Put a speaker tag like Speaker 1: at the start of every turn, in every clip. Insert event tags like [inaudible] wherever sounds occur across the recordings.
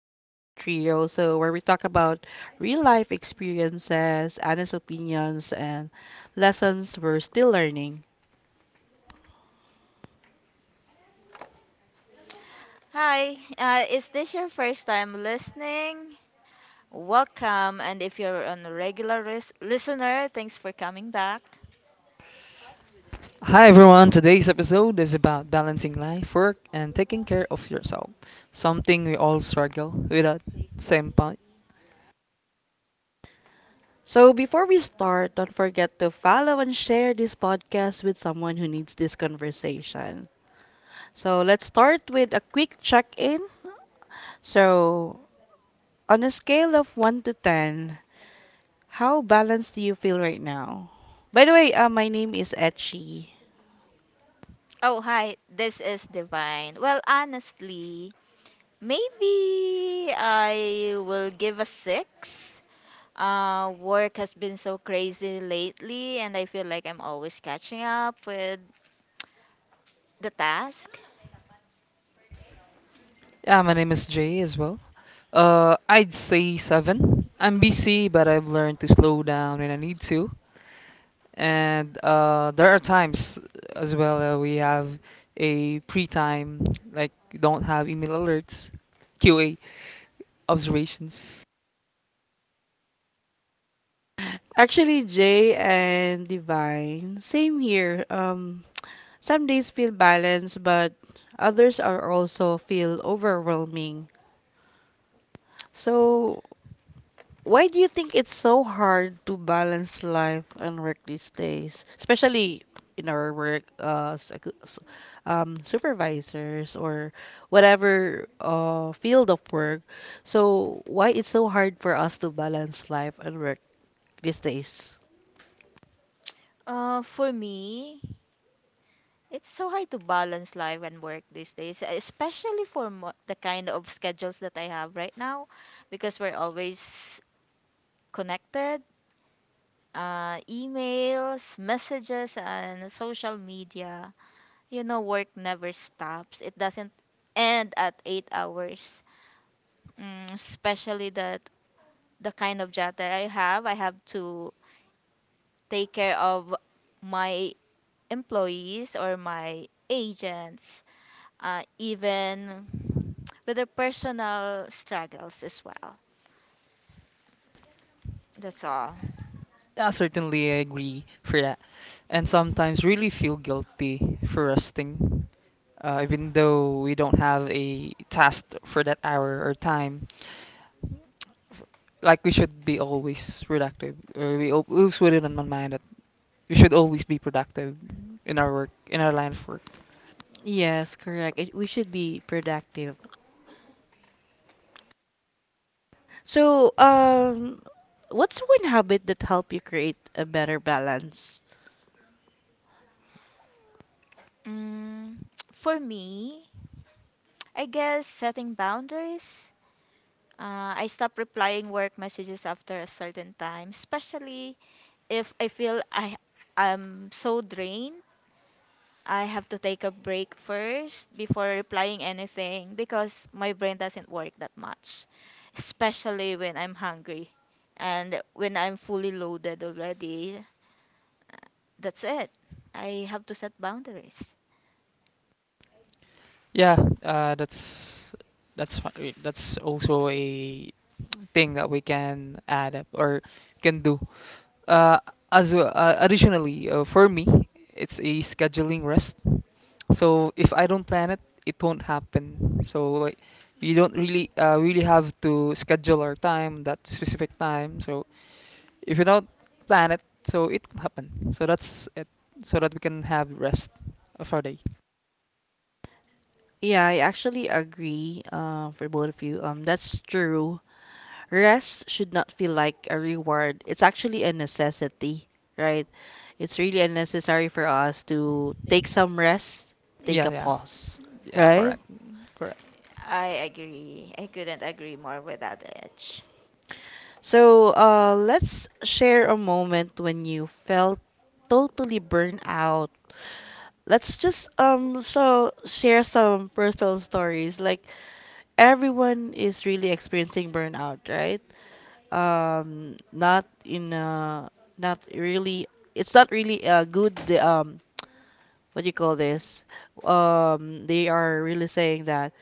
Speaker 1: Real Talk Trio. So, where we talk about real life experiences, honest opinions, and lessons we're still learning.
Speaker 2: Hi, is this your first time listening? Welcome, and if you're a regular listener, thanks for coming back.
Speaker 3: Hi everyone, today's episode is about balancing life, work, and taking care of yourself. Something we all struggle with at same point.
Speaker 1: So, before we start, don't forget to follow and share this podcast with someone who needs this conversation. So, let's start with a quick check in. So, on a scale of 1 to 10, how balanced do you feel right now? By the way, my name is Etchy.
Speaker 2: Oh, hi, this is Divine. Well, honestly, maybe I will give a six. Work has been so crazy lately, and I feel like I'm always catching up with the task.
Speaker 3: Yeah, my name is Jay as well. I'd say seven. I'm busy, but I've learned to slow down when I need to. And there are times as well, we have a pre time, like don't have email alerts, QA observations.
Speaker 1: Actually, Jay and Divine, same here. Some days feel balanced, but others are also feel overwhelming. So, why do you think it's so hard to balance life and work these days, especially in our work supervisors or whatever field of work? So, why it's so hard for us to balance life and work these days?
Speaker 2: For me, it's so hard to balance life and work these days, especially for the kind of schedules that I have right now, because we're always connected. Emails, messages, and social media. You know, work never stops. It doesn't end at 8 hours. Mm, especially that the kind of job that I have to take care of my employees or my agents, even with their personal struggles as well. That's all.
Speaker 3: Yeah, certainly I agree for that. And sometimes really feel guilty for resting, even though we don't have a task for that hour or time. Like we should be always productive, or we always put it in my mind that we should always be productive in our work, in our line of work.
Speaker 1: Yes, correct. We should be productive. So, what's one habit that help you create a better balance?
Speaker 2: Mm, for me, I guess setting boundaries. I stop replying work messages after a certain time, especially if I feel I am so drained. I have to take a break first before replying anything because my brain doesn't work that much, especially when I'm hungry and when I'm fully loaded already. That's it. I have to set boundaries.
Speaker 3: Yeah, uh, that's that's also a thing that we can add up or can do. Uh, additionally, for me, it's a scheduling rest. So if I don't plan it, it won't happen. So like, you don't really have to schedule our time that specific time. So if you don't plan it, so it will happen. So that's it. So that we can have rest of our day.
Speaker 1: Yeah, I actually agree, for both of you. That's true. Rest should not feel like a reward. It's actually a necessity, right? It's really unnecessary for us to take some rest, take
Speaker 3: Yeah,
Speaker 1: a
Speaker 3: yeah,
Speaker 1: pause,
Speaker 3: yeah.
Speaker 1: right?
Speaker 3: Correct, correct.
Speaker 2: I agree. I couldn't agree more with that, Edge.
Speaker 1: So, let's share a moment when you felt totally burned out. Let's just so share some personal stories. Like everyone is really experiencing burnout, right? Not in not really. It's not really a good what do you call this? They are really saying that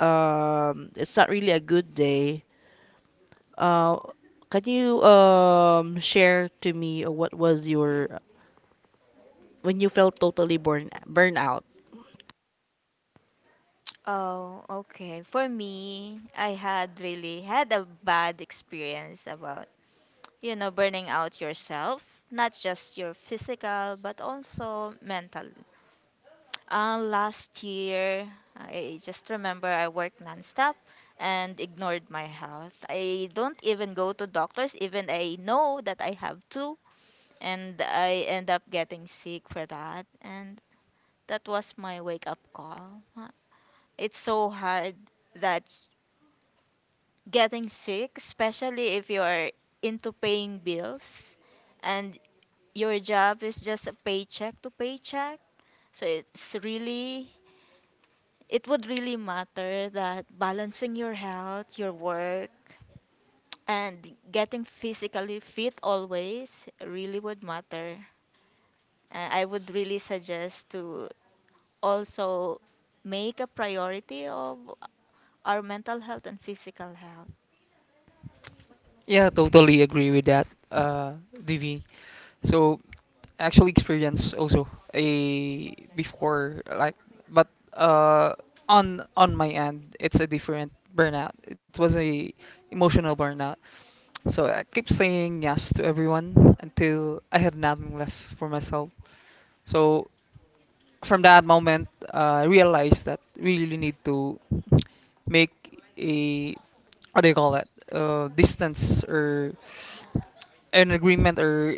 Speaker 1: it's not really a good day. Uh, can you share to me what was your when you felt totally burnout?
Speaker 2: Oh, okay. For me, I had really had a bad experience about, you know, burning out yourself, not just your physical, but also mental. Last year, I just remember I worked nonstop and ignored my health. I don't even go to doctors, even I know that I have to, and I end up getting sick for that. And that was my wake up call. It's so hard that getting sick, especially if you're into paying bills and your job is just a paycheck to paycheck. So it's really, it would really matter that balancing your health, your work, and getting physically fit always really would matter. I would really suggest to also make a priority of our mental health and physical health.
Speaker 3: Yeah, totally agree with that, DV. So actually experience also a before like but uh on my end it's a different burnout. It was a emotional burnout. So I keep saying yes to everyone until I had nothing left for myself. So from that moment, I realized that we really need to make a what do you call that, distance or an agreement or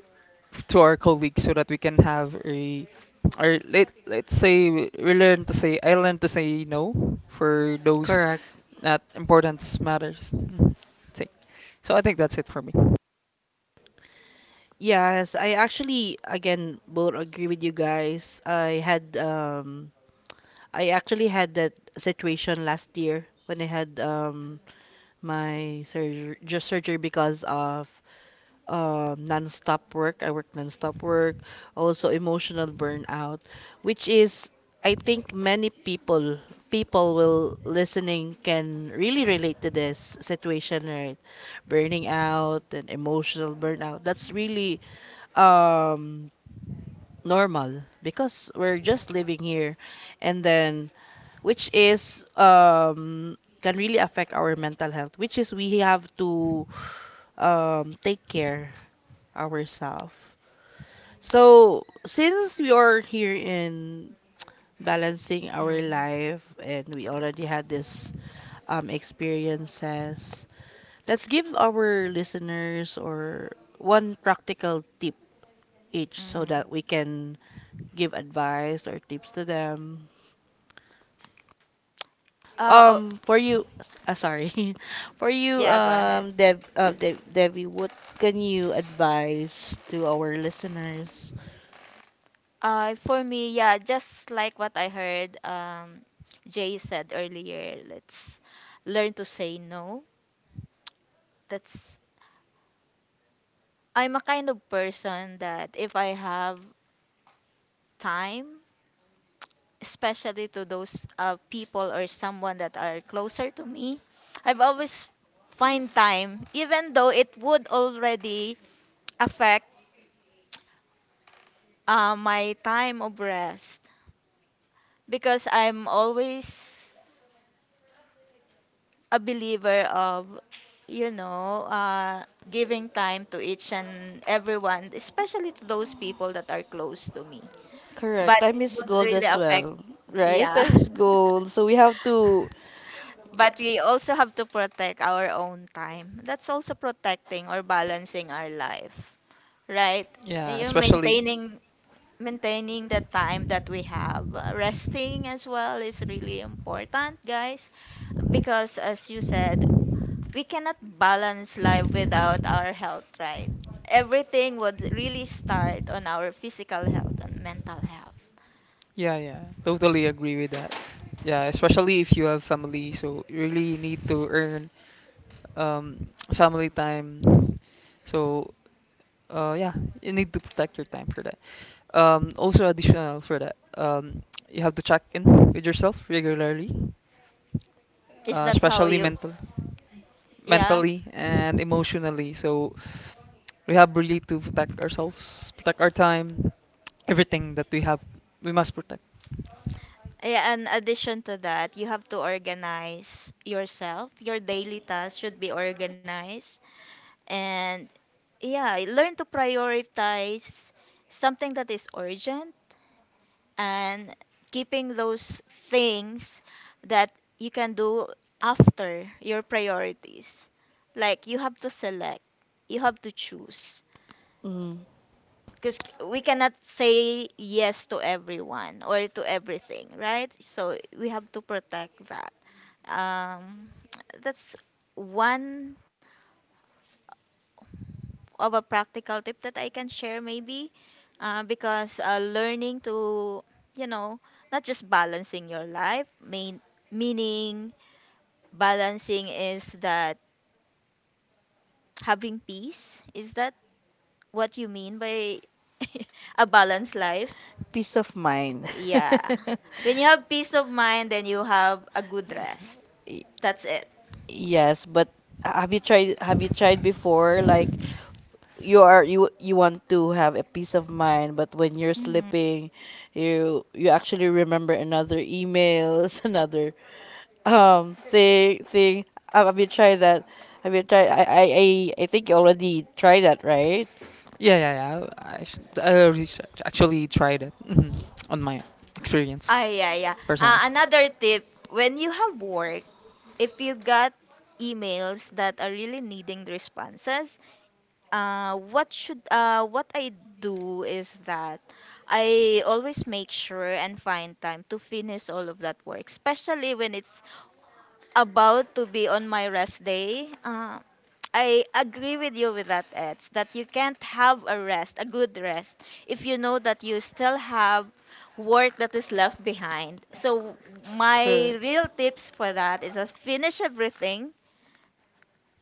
Speaker 3: to our colleagues so that we can have a or let's say we learn to say I learn to say no for those
Speaker 1: Correct.
Speaker 3: that importance matters. Mhm. Say- So I think that's it for me.
Speaker 1: Yes, I actually again both agree with you guys. I actually had that situation last year when I had my surgery, just surgery because of non-stop work. I work non-stop work, also emotional burnout, which is I think many people will listening can really relate to this situation, right? Burning out and emotional burnout. That's really um normal because we're just living here, and then which is can really affect our mental health, which is we have to take care ourselves. So since we are here in balancing our
Speaker 2: Mm.
Speaker 1: life and we already had this experiences, let's give our listeners or one practical tip each so that we
Speaker 2: Mm.
Speaker 1: can give advice or tips to them.
Speaker 2: Uh, oh,
Speaker 1: For you, sorry, [laughs] for you,
Speaker 2: yeah, go ahead.
Speaker 1: Debbie, what can you advise to our listeners?
Speaker 2: For me, yeah, just like what I heard Jay said earlier, let's learn to say no. That's, I'm a kind of person that if I have time, especially to those, people or someone that are closer to me, I've always find time even though it would already affect, my time of rest, because I'm always a believer of, you know, giving time to each and everyone, especially to those people that are close to me. But
Speaker 1: Correct. Time
Speaker 2: it
Speaker 1: is
Speaker 2: would
Speaker 1: gold
Speaker 2: really
Speaker 1: as
Speaker 2: affect
Speaker 1: well, right? Time is gold. So we have to.
Speaker 3: Yeah, especially.
Speaker 2: as well, is really important, guys, because as you said, we cannot balance life without our health, right? Everything would really start on our physical health and mental health.
Speaker 3: Yeah, yeah, totally agree with that. Yeah, especially if you have family, so you really need to earn um, [tsk] family time. So uh yeah you need to protect your time for that, also additional for that, you have to check in with yourself regularly,
Speaker 2: Is that how
Speaker 3: especially
Speaker 2: you, yeah?
Speaker 3: mentally and emotionally. So we have really to protect ourselves, protect our time, everything that we have we must protect.
Speaker 2: Yeah, and addition to that, you have to organize yourself. Your daily tasks should be organized. And yeah, learn to prioritize something that is urgent, and keeping those things that you can do after your priorities. Like you have to select, you have to choose,
Speaker 1: mm,
Speaker 2: because we cannot say yes to everyone or to everything, right? So we have to protect that. Um, that's one of a practical tip that I can share, maybe, because learning to, you know, not just balancing your life, meaning balancing is that having peace. Is that what you mean by [laughs] a balanced life?
Speaker 1: peace of mind.
Speaker 2: Yeah.
Speaker 1: [laughs]
Speaker 2: When you have peace of mind, then you have a good rest.
Speaker 1: Y-
Speaker 2: That's it.
Speaker 1: Yes, but have you tried? Have you tried before? Like, you are you you want to have a peace of mind, but when you're sleeping, you actually remember another emails [laughs] another thing. Have you tried that? Have you tried? I think you already tried that, right?
Speaker 3: Yeah, yeah, yeah. I already actually tried it, on my experience
Speaker 2: Ah, yeah, yeah.
Speaker 3: personally.
Speaker 2: Another tip, when you have work, if you got emails that are really needing the responses, what I do is that I always make sure and find time to finish all of that work, especially when it's about to be on my rest day. I agree with you with that, Eds, that you can't have a rest, a good rest, if you know that you still have work that is left behind. So my
Speaker 1: Cor-
Speaker 2: real tips for that is just finish everything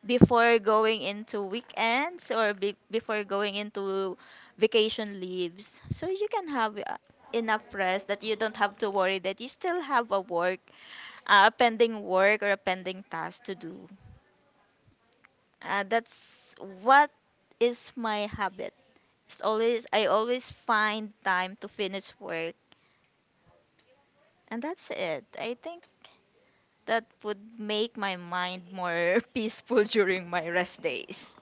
Speaker 2: before going into weekends or before going into vacation leaves, so you can have enough rest that you don't have to worry that you still have a work, a pending work or a pending task to do. That's what is my habit. It's always, I always find time to finish work, and that's it. I think that would make my mind more [laughs] peaceful during my rest days.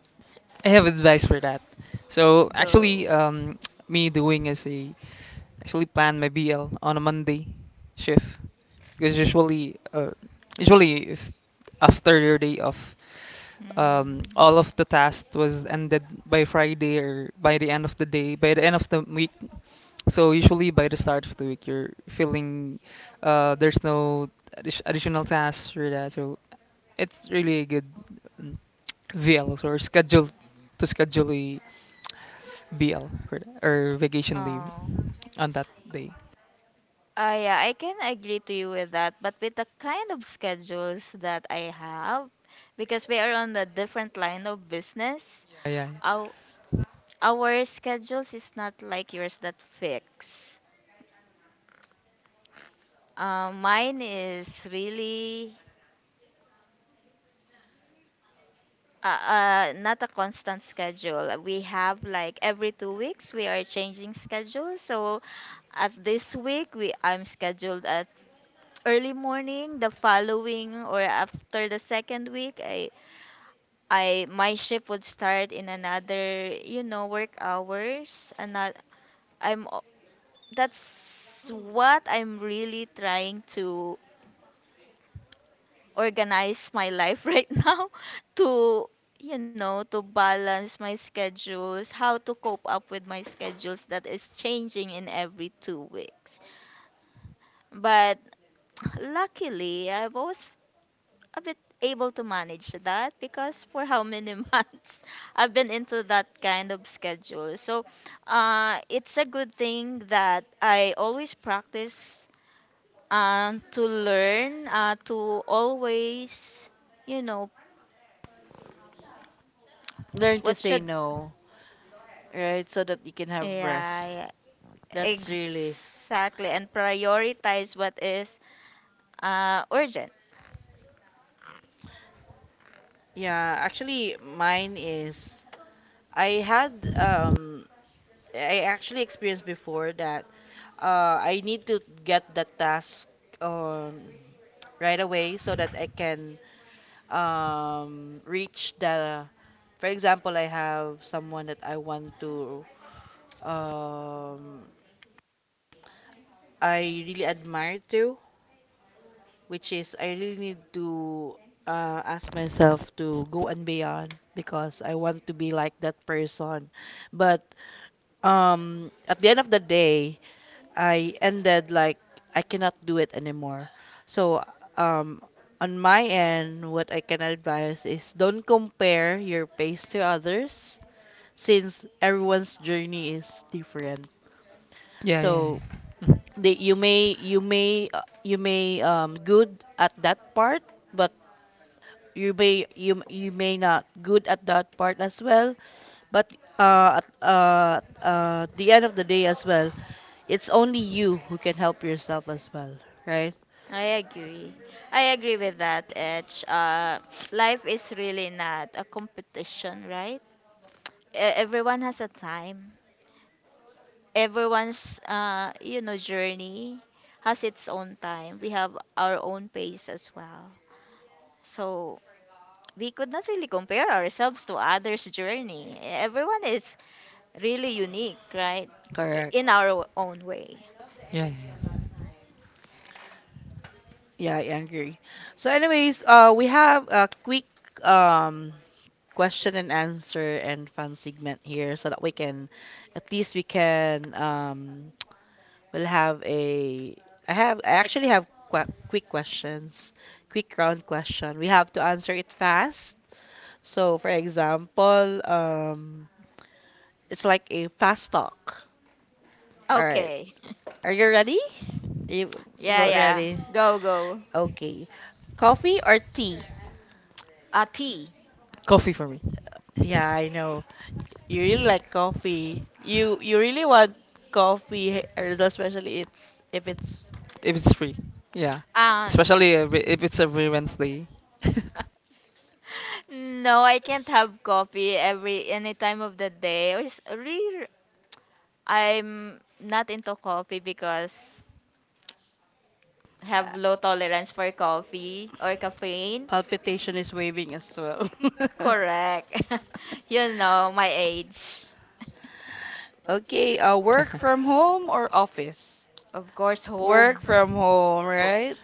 Speaker 3: I have advice for that. So
Speaker 2: Go.
Speaker 3: actually, me doing as a actually, plan my BL on a Monday shift because usually, usually if after your day off,
Speaker 2: Mm.
Speaker 3: all of the task was ended by Friday or by the end of the day, by the end of the week. So usually by the start of the week, you're feeling, there's no additional tasks or that. So it's really a good, mm, VL or schedule to schedule a BL for that, or vacation leave
Speaker 2: Oh,
Speaker 3: on that day.
Speaker 2: yeah, I can agree to you with that, but with the kind of schedules that I have, because we are on a different line of business,
Speaker 3: Yeah, yeah.
Speaker 2: our, our schedules is not like yours that fix. Mine is really, not a constant schedule. We have like every 2 weeks we are changing schedules. So at this week we I'm scheduled at early morning. The following or after the second week, I my shift would start in another, you know, work hours. And that i'm o- that's what I'm really trying to organize, my life [laughs] right now, to, you know, to balance my schedules, how to cope up with my schedules that is changing in every 2 weeks. But [clears throat] [tsk] luckily I've always a bit able to manage that, because for how many [laughs] months I've been into that kind of schedule. So it's a good thing that I always practice, to learn, to always, you know,
Speaker 1: learn to
Speaker 2: what to
Speaker 1: say
Speaker 2: should,
Speaker 1: no, right? So that you can have
Speaker 2: yeah,
Speaker 1: rest.
Speaker 2: yeah,
Speaker 1: That's really.
Speaker 2: exactly, and prioritize what is urgent.
Speaker 1: Yeah, actually mine is. I had um I actually experienced before that. I need to get the task, um, right away so that I can, reach the. For example, I have someone that I want to. Um, I really admire to, which is I really need to, ask myself to go and beyond because I want to be like that person. But at the end of the day, I ended like I cannot do it anymore. So, um on my end, what I can advise is don't compare your pace to others, since everyone's journey is different.
Speaker 3: Yeah, yeah,
Speaker 1: So
Speaker 3: yeah. Mm,
Speaker 1: that you may good at that part, but you may not good at that part as well. But at the end of the day as well, it's only you who can help yourself as well, right?
Speaker 2: I agree. I agree with that, Edge. Life is really not a competition, right? Everyone has a time. Everyone's, you know, journey has its own time. We have our own pace as well. So we could not really compare ourselves to others' journey. Everyone is really unique, right?
Speaker 1: Correct.
Speaker 2: In our own way.
Speaker 3: yeah, yeah. Yeah.
Speaker 1: Yeah, I agree. So anyways, we have a quick um question and answer and fun segment here so that we can, at least we can, we'll have a. I have. I
Speaker 2: Like,
Speaker 1: actually have quick questions, quick round question. We have to answer it fast. So, for example, it's like a fast talk. All right.
Speaker 2: okay.
Speaker 1: Are you ready? You
Speaker 2: Yeah,
Speaker 1: about
Speaker 2: yeah.
Speaker 1: ready?
Speaker 2: Go, go.
Speaker 1: Okay. Coffee or tea?
Speaker 2: T.
Speaker 3: Coffee for me,
Speaker 1: Yeah, I know. You really like coffee. You really want coffee, eh, especially it's if it's.
Speaker 3: if it's free. Yeah,
Speaker 2: Um,
Speaker 3: especially, if it's every Wednesday. [laughs]
Speaker 2: [laughs] no, I can't have coffee every any time of the day. Or really, I'm not into coffee because have low tolerance for coffee or caffeine.
Speaker 1: Palpitation is waving as well. [laughs] Correct.
Speaker 2: Correct.
Speaker 1: [laughs]
Speaker 2: [laughs] You know my age.
Speaker 1: Okay, work from home or office?
Speaker 2: Of course, [laughs]
Speaker 1: Of. Work
Speaker 2: home.
Speaker 1: home, from
Speaker 2: Oh.
Speaker 1: home, right?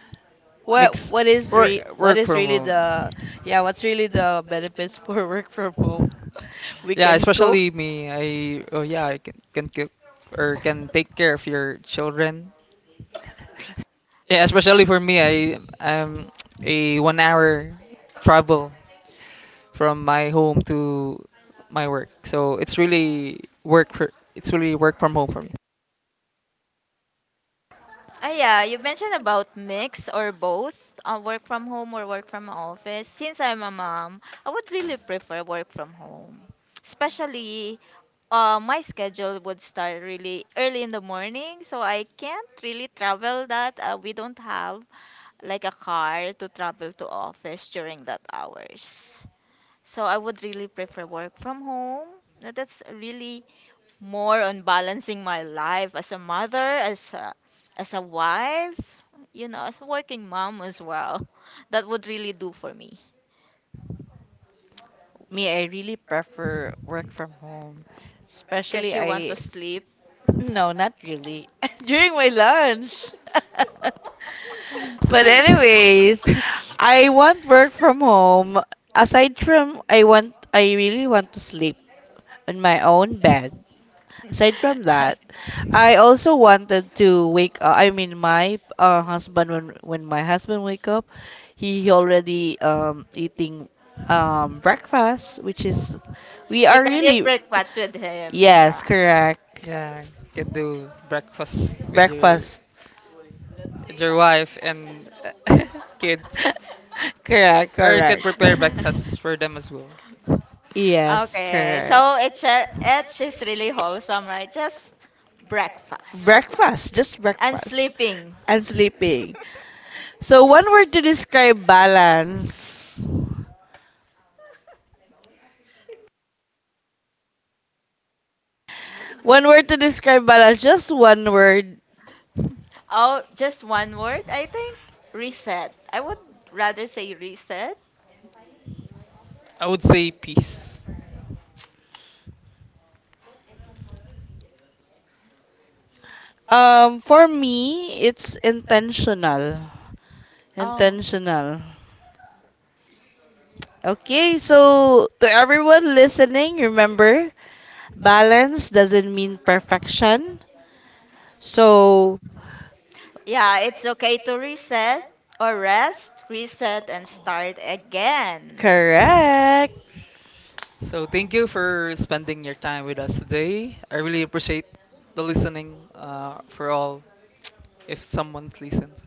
Speaker 1: What. Yes.
Speaker 3: Mix.
Speaker 1: what is re
Speaker 3: work
Speaker 1: what
Speaker 3: work
Speaker 1: is
Speaker 3: from
Speaker 1: really
Speaker 3: home.
Speaker 1: the. Yeah, what's really the benefits for [laughs] work from home? We
Speaker 3: Yeah,
Speaker 1: can cook.
Speaker 3: especially me. I oh yeah, I can cook or can take care of your children. [laughs] Yeah, especially for me. I'm a 1 hour travel from my home to my work. So it's really work from home for me.
Speaker 2: Ah, yeah, you mentioned about mix or both, work from home or work from office. Since I'm a mom, I would really prefer work from home. Mm. Especially my schedule would start really early in the morning, so I can't really travel that. We don't have like a car to travel to office during that hours. So I would really prefer work from home. That's really more on balancing my life as a mother, as a wife, you know, as a working mom as well. That would really do for me,
Speaker 1: Me, I really prefer work from home.
Speaker 2: because
Speaker 1: Especially
Speaker 2: you want to
Speaker 1: I.
Speaker 2: sleep.
Speaker 1: No, not really. [laughs] During my lunch. [laughs] But anyways, I
Speaker 3: [laughs]
Speaker 1: want work from home. Aside from I really want to sleep on my own bed. Aside from that, I also wanted to wake up. I mean, my husband, when my husband wake up, he already eating breakfast, which is we
Speaker 2: [laughs] You
Speaker 1: are
Speaker 2: can eat
Speaker 1: really.
Speaker 2: breakfast with him. Yeah.
Speaker 1: Yes, correct.
Speaker 3: Yeah, can do breakfast with your
Speaker 1: Breakfast.
Speaker 3: with your wife and, uh, [laughs] kids,
Speaker 1: [laughs] Correct,
Speaker 3: or you can
Speaker 1: correct.
Speaker 3: prepare
Speaker 2: [laughs]
Speaker 3: breakfast for them as well.
Speaker 2: Yes.
Speaker 1: Yes,
Speaker 2: Okay,
Speaker 1: correct.
Speaker 2: so it's it's just really wholesome, right? Just breakfast. Breakfast.
Speaker 1: Breakfast, just
Speaker 2: And
Speaker 1: breakfast.
Speaker 2: sleeping.
Speaker 1: And sleeping. So, one word to describe balance. One word to describe balance, just one word.
Speaker 2: Oh, just one word, I think. Reset. I would rather say reset.
Speaker 3: I would say peace.
Speaker 1: For me, it's intentional.
Speaker 2: Oh, intentional.
Speaker 1: Intentional. Okay, so to everyone listening, remember, balance doesn't mean perfection. So.
Speaker 2: Yeah, it's okay to reset or rest, reset, and start again.
Speaker 1: Correct.
Speaker 2: Correct.
Speaker 3: So thank you for spending your time with us today. I really appreciate the listening, for all if someone's listened.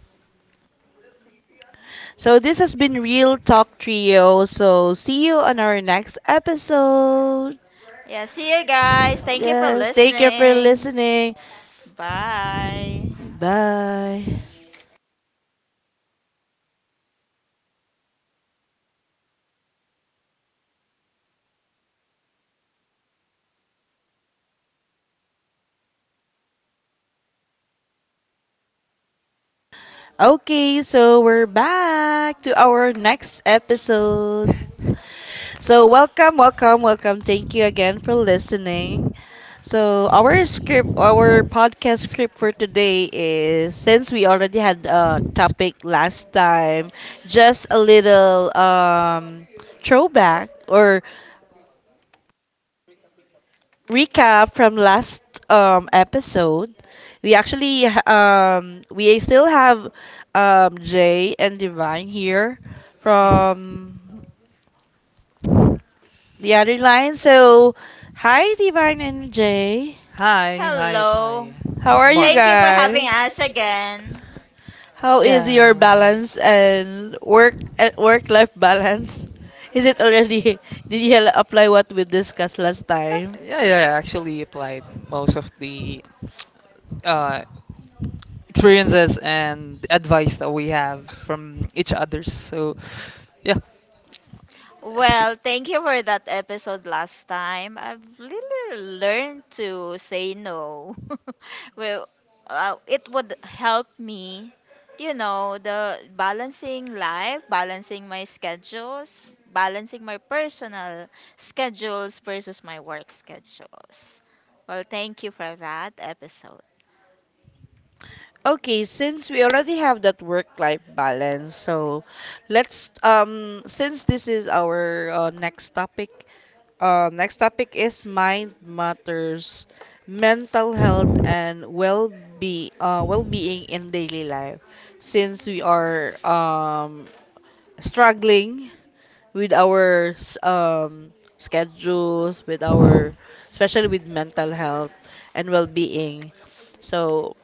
Speaker 1: So this has been Real Talk Trio. So see you on our next episode.
Speaker 2: Yeah, see you guys. Thank you for,
Speaker 1: Yeah, thank you for
Speaker 2: listening.
Speaker 1: listening.
Speaker 2: Bye.
Speaker 1: Bye. Okay, so we're back to our next episode.
Speaker 3: [laughs]
Speaker 1: So welcome, welcome, welcome. Thank you again for listening. So our script, our podcast
Speaker 3: It's Sk-
Speaker 1: script for
Speaker 3: crick-
Speaker 1: today is, since we already had a
Speaker 3: sk-
Speaker 1: topic last time, just a little throwback or recap from last episode. We still have Jay and Divine here
Speaker 3: Mhm.
Speaker 1: from the other line. So hi Divine and Jay.
Speaker 3: Hi, hi, hi.
Speaker 2: Hello.
Speaker 3: Jai.
Speaker 1: How are you
Speaker 3: Mar.
Speaker 2: Thank you for guys?
Speaker 1: guys?
Speaker 2: Having us again.
Speaker 1: How is your
Speaker 3: Yeah.
Speaker 1: balance and work life balance? [laughs] Is it already? [laughs] Did you apply what we discussed last time?
Speaker 3: Yeah, yeah, yeah. I actually applied most of the, uh, experiences and advice that we have from each others. So, yeah, it's good.
Speaker 2: Well, thank you for that episode last time. I've really learned to say no. [laughs] Well, it would help me, you know, the balancing life, balancing my schedules, balancing my personal schedules versus my work schedules. Well, thank you for that episode.
Speaker 1: Okay, since we already have that work-life balance, so let's, since this is our next topic is mind matters, mental health and well-being in daily life. Since we are struggling with our schedules, with our especially with mental health and well-being. So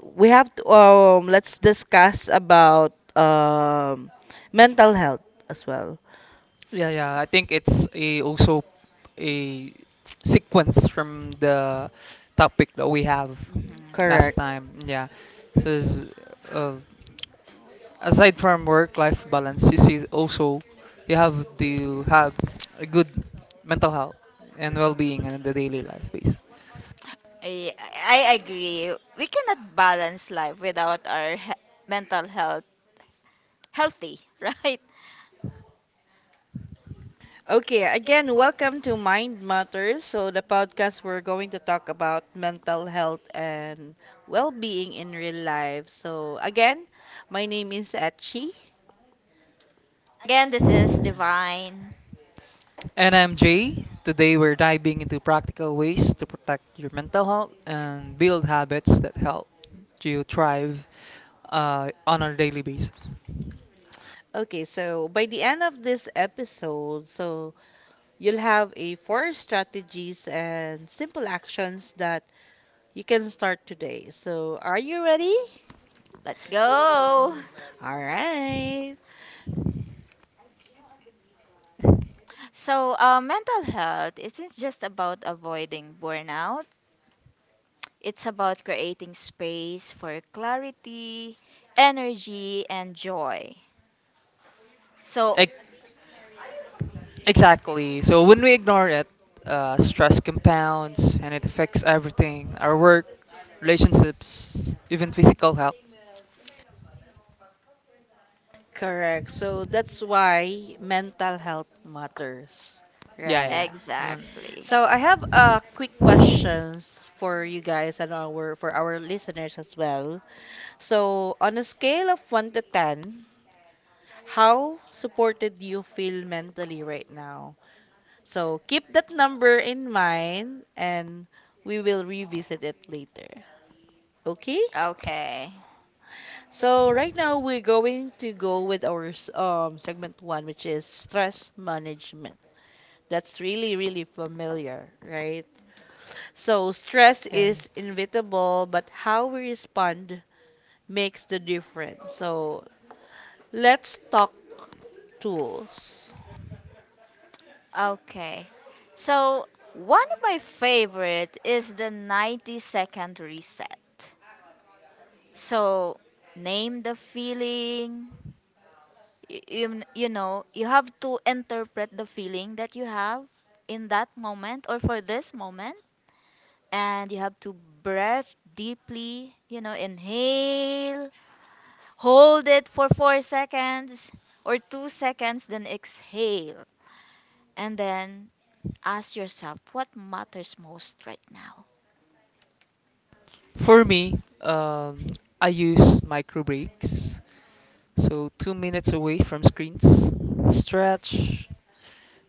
Speaker 1: we have to, let's discuss about mental health as well.
Speaker 3: Yeah, yeah. I think it's a also a sequence from the topic that we have
Speaker 2: Hmm.
Speaker 3: last
Speaker 2: Correct.
Speaker 1: Correct.
Speaker 3: time. Yeah. So it's, uh, aside from work-life balance, you see also you have to have a good mental health and well-being in the daily life base.
Speaker 2: I, I agree. We cannot balance life without our mental health healthy, [laughs] right?
Speaker 1: Okay, again, welcome to Mind Matters. So, the podcast we're going to talk about mental health and well being in real life. So, again, my name is Etchi.
Speaker 2: Again, this is Divine.
Speaker 3: And I'm Jay. Today we're diving into practical ways to protect your mental health and build habits that help you thrive, on a daily basis.
Speaker 1: Okay, so by the end of this episode, so you'll have a four strategies and simple actions that you can start today. So, are you ready?
Speaker 2: Let's go.
Speaker 1: All right.
Speaker 2: So, mental health isn't just about avoiding burnout. It's about creating space for clarity, energy, and joy. So,
Speaker 3: Ex- Exactly. So when we ignore it, stress compounds and it affects everything, our work, relationships, even physical health.
Speaker 1: Correct. So, that's why mental health matters.
Speaker 3: Yeah,
Speaker 1: Right.
Speaker 3: yeah. Mm,
Speaker 2: exactly.
Speaker 1: So, I have a quick questions for you guys and our for our listeners as well. So, on a scale of 1 to 10, how supported do you feel mentally right now? So keep that number in mind and we will revisit it later. Okay?
Speaker 2: Okay.
Speaker 1: So right now we're going to go with our segment one, which is stress management. That's really, really familiar, right? So stress
Speaker 3: yeah.
Speaker 1: is
Speaker 3: Yeah.
Speaker 1: inevitable, but how we respond makes the difference. So let's talk tools.
Speaker 2: Okay. So, one of my favorite is the 90-second reset. So, name the feeling. You know, you have to interpret the feeling that you have in that moment or for this moment. And you have to breath deeply, you know, inhale, hold it for 4 seconds or 2 seconds, then exhale. And then ask yourself what matters most right now.
Speaker 3: For me, I use micro breaks. So 2 minutes away from screens, stretch,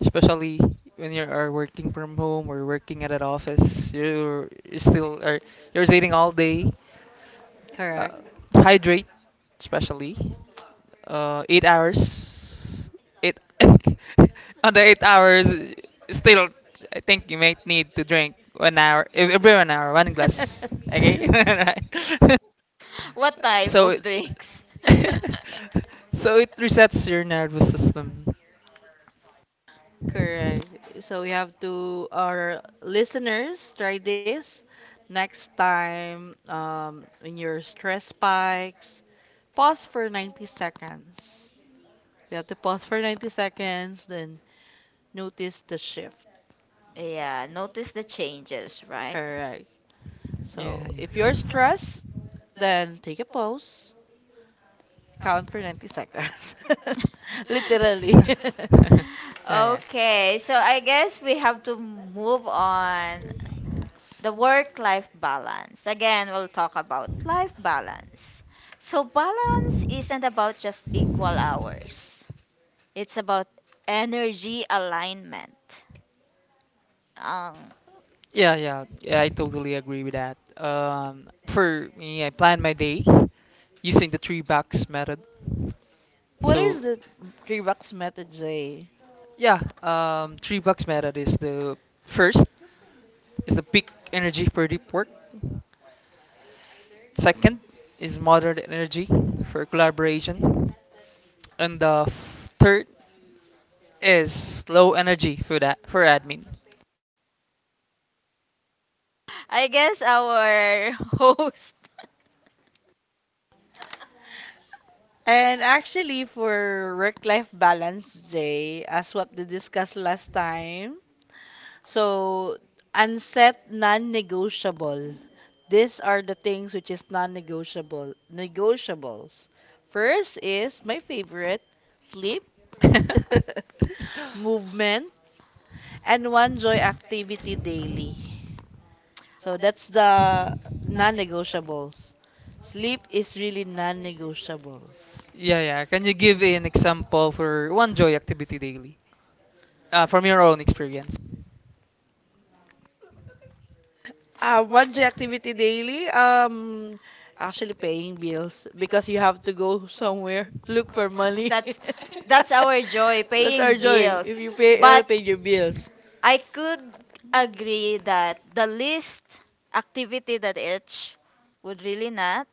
Speaker 3: especially when you are working from home or working at an office, you're still are you're sitting all day.
Speaker 1: Correct?
Speaker 3: Uh, Hydrate, especially. 8 hours. Eight. [laughs] On the 8 hours, still, I think you might need to drink 1 hour, every 1 hour, one glass. Okay? [laughs]
Speaker 1: [laughs]
Speaker 3: Right.
Speaker 2: What
Speaker 3: [laughs]
Speaker 2: type
Speaker 3: so it.
Speaker 2: of drinks? [laughs]
Speaker 3: [laughs] So it resets your nervous system.
Speaker 1: Correct. So we have to, our listeners, try this next time, when your stress spikes. Pause for 90 seconds. We have to pause for 90 seconds, then notice the shift.
Speaker 2: Yeah, notice the changes, right?
Speaker 1: Correct.
Speaker 3: Yeah,
Speaker 1: So if you're
Speaker 3: yeah.
Speaker 1: stressed, then take a pause. Count for 90 seconds. [laughs] Literally.
Speaker 3: [laughs] Yeah, yeah.
Speaker 2: Okay, so I guess we have to move on the work life balance. Again, we'll talk about life balance. So, balance isn't about just equal hours, it's about energy alignment. Um,
Speaker 3: Yeah, yeah, yeah, I totally agree with that. For me, I plan my day using the three bucks method.
Speaker 1: [laughs] What
Speaker 3: So,
Speaker 1: is the three bucks method, Zay?
Speaker 3: yeah, three bucks method is the first is the peak energy for deep work. Second is moderate energy for collaboration, and the third is low energy for admin.
Speaker 2: I guess our [laughs] host.
Speaker 1: And actually, for work life balance day, as what we discussed last time, so unset non negotiable. These are the things which is non negotiable. Negotiables. First is my favorite sleep,
Speaker 3: [laughs]
Speaker 1: [laughs]
Speaker 3: Yeah,
Speaker 1: movement, and one joy activity daily. So that's the non negotiables. Sleep is really non negotiables.
Speaker 3: yeah. Can you give an example for one joy activity daily? From your own experience.
Speaker 1: One J activity daily. Actually paying bills because you have to go somewhere, look for money.
Speaker 2: That's [laughs] that's our joy, our
Speaker 1: [laughs] That's our
Speaker 2: paying
Speaker 1: joy. [laughs]
Speaker 2: bills.
Speaker 1: If you pay, you'll
Speaker 2: But
Speaker 1: pay your bills.
Speaker 2: I could agree that the least activity that Itch would really not,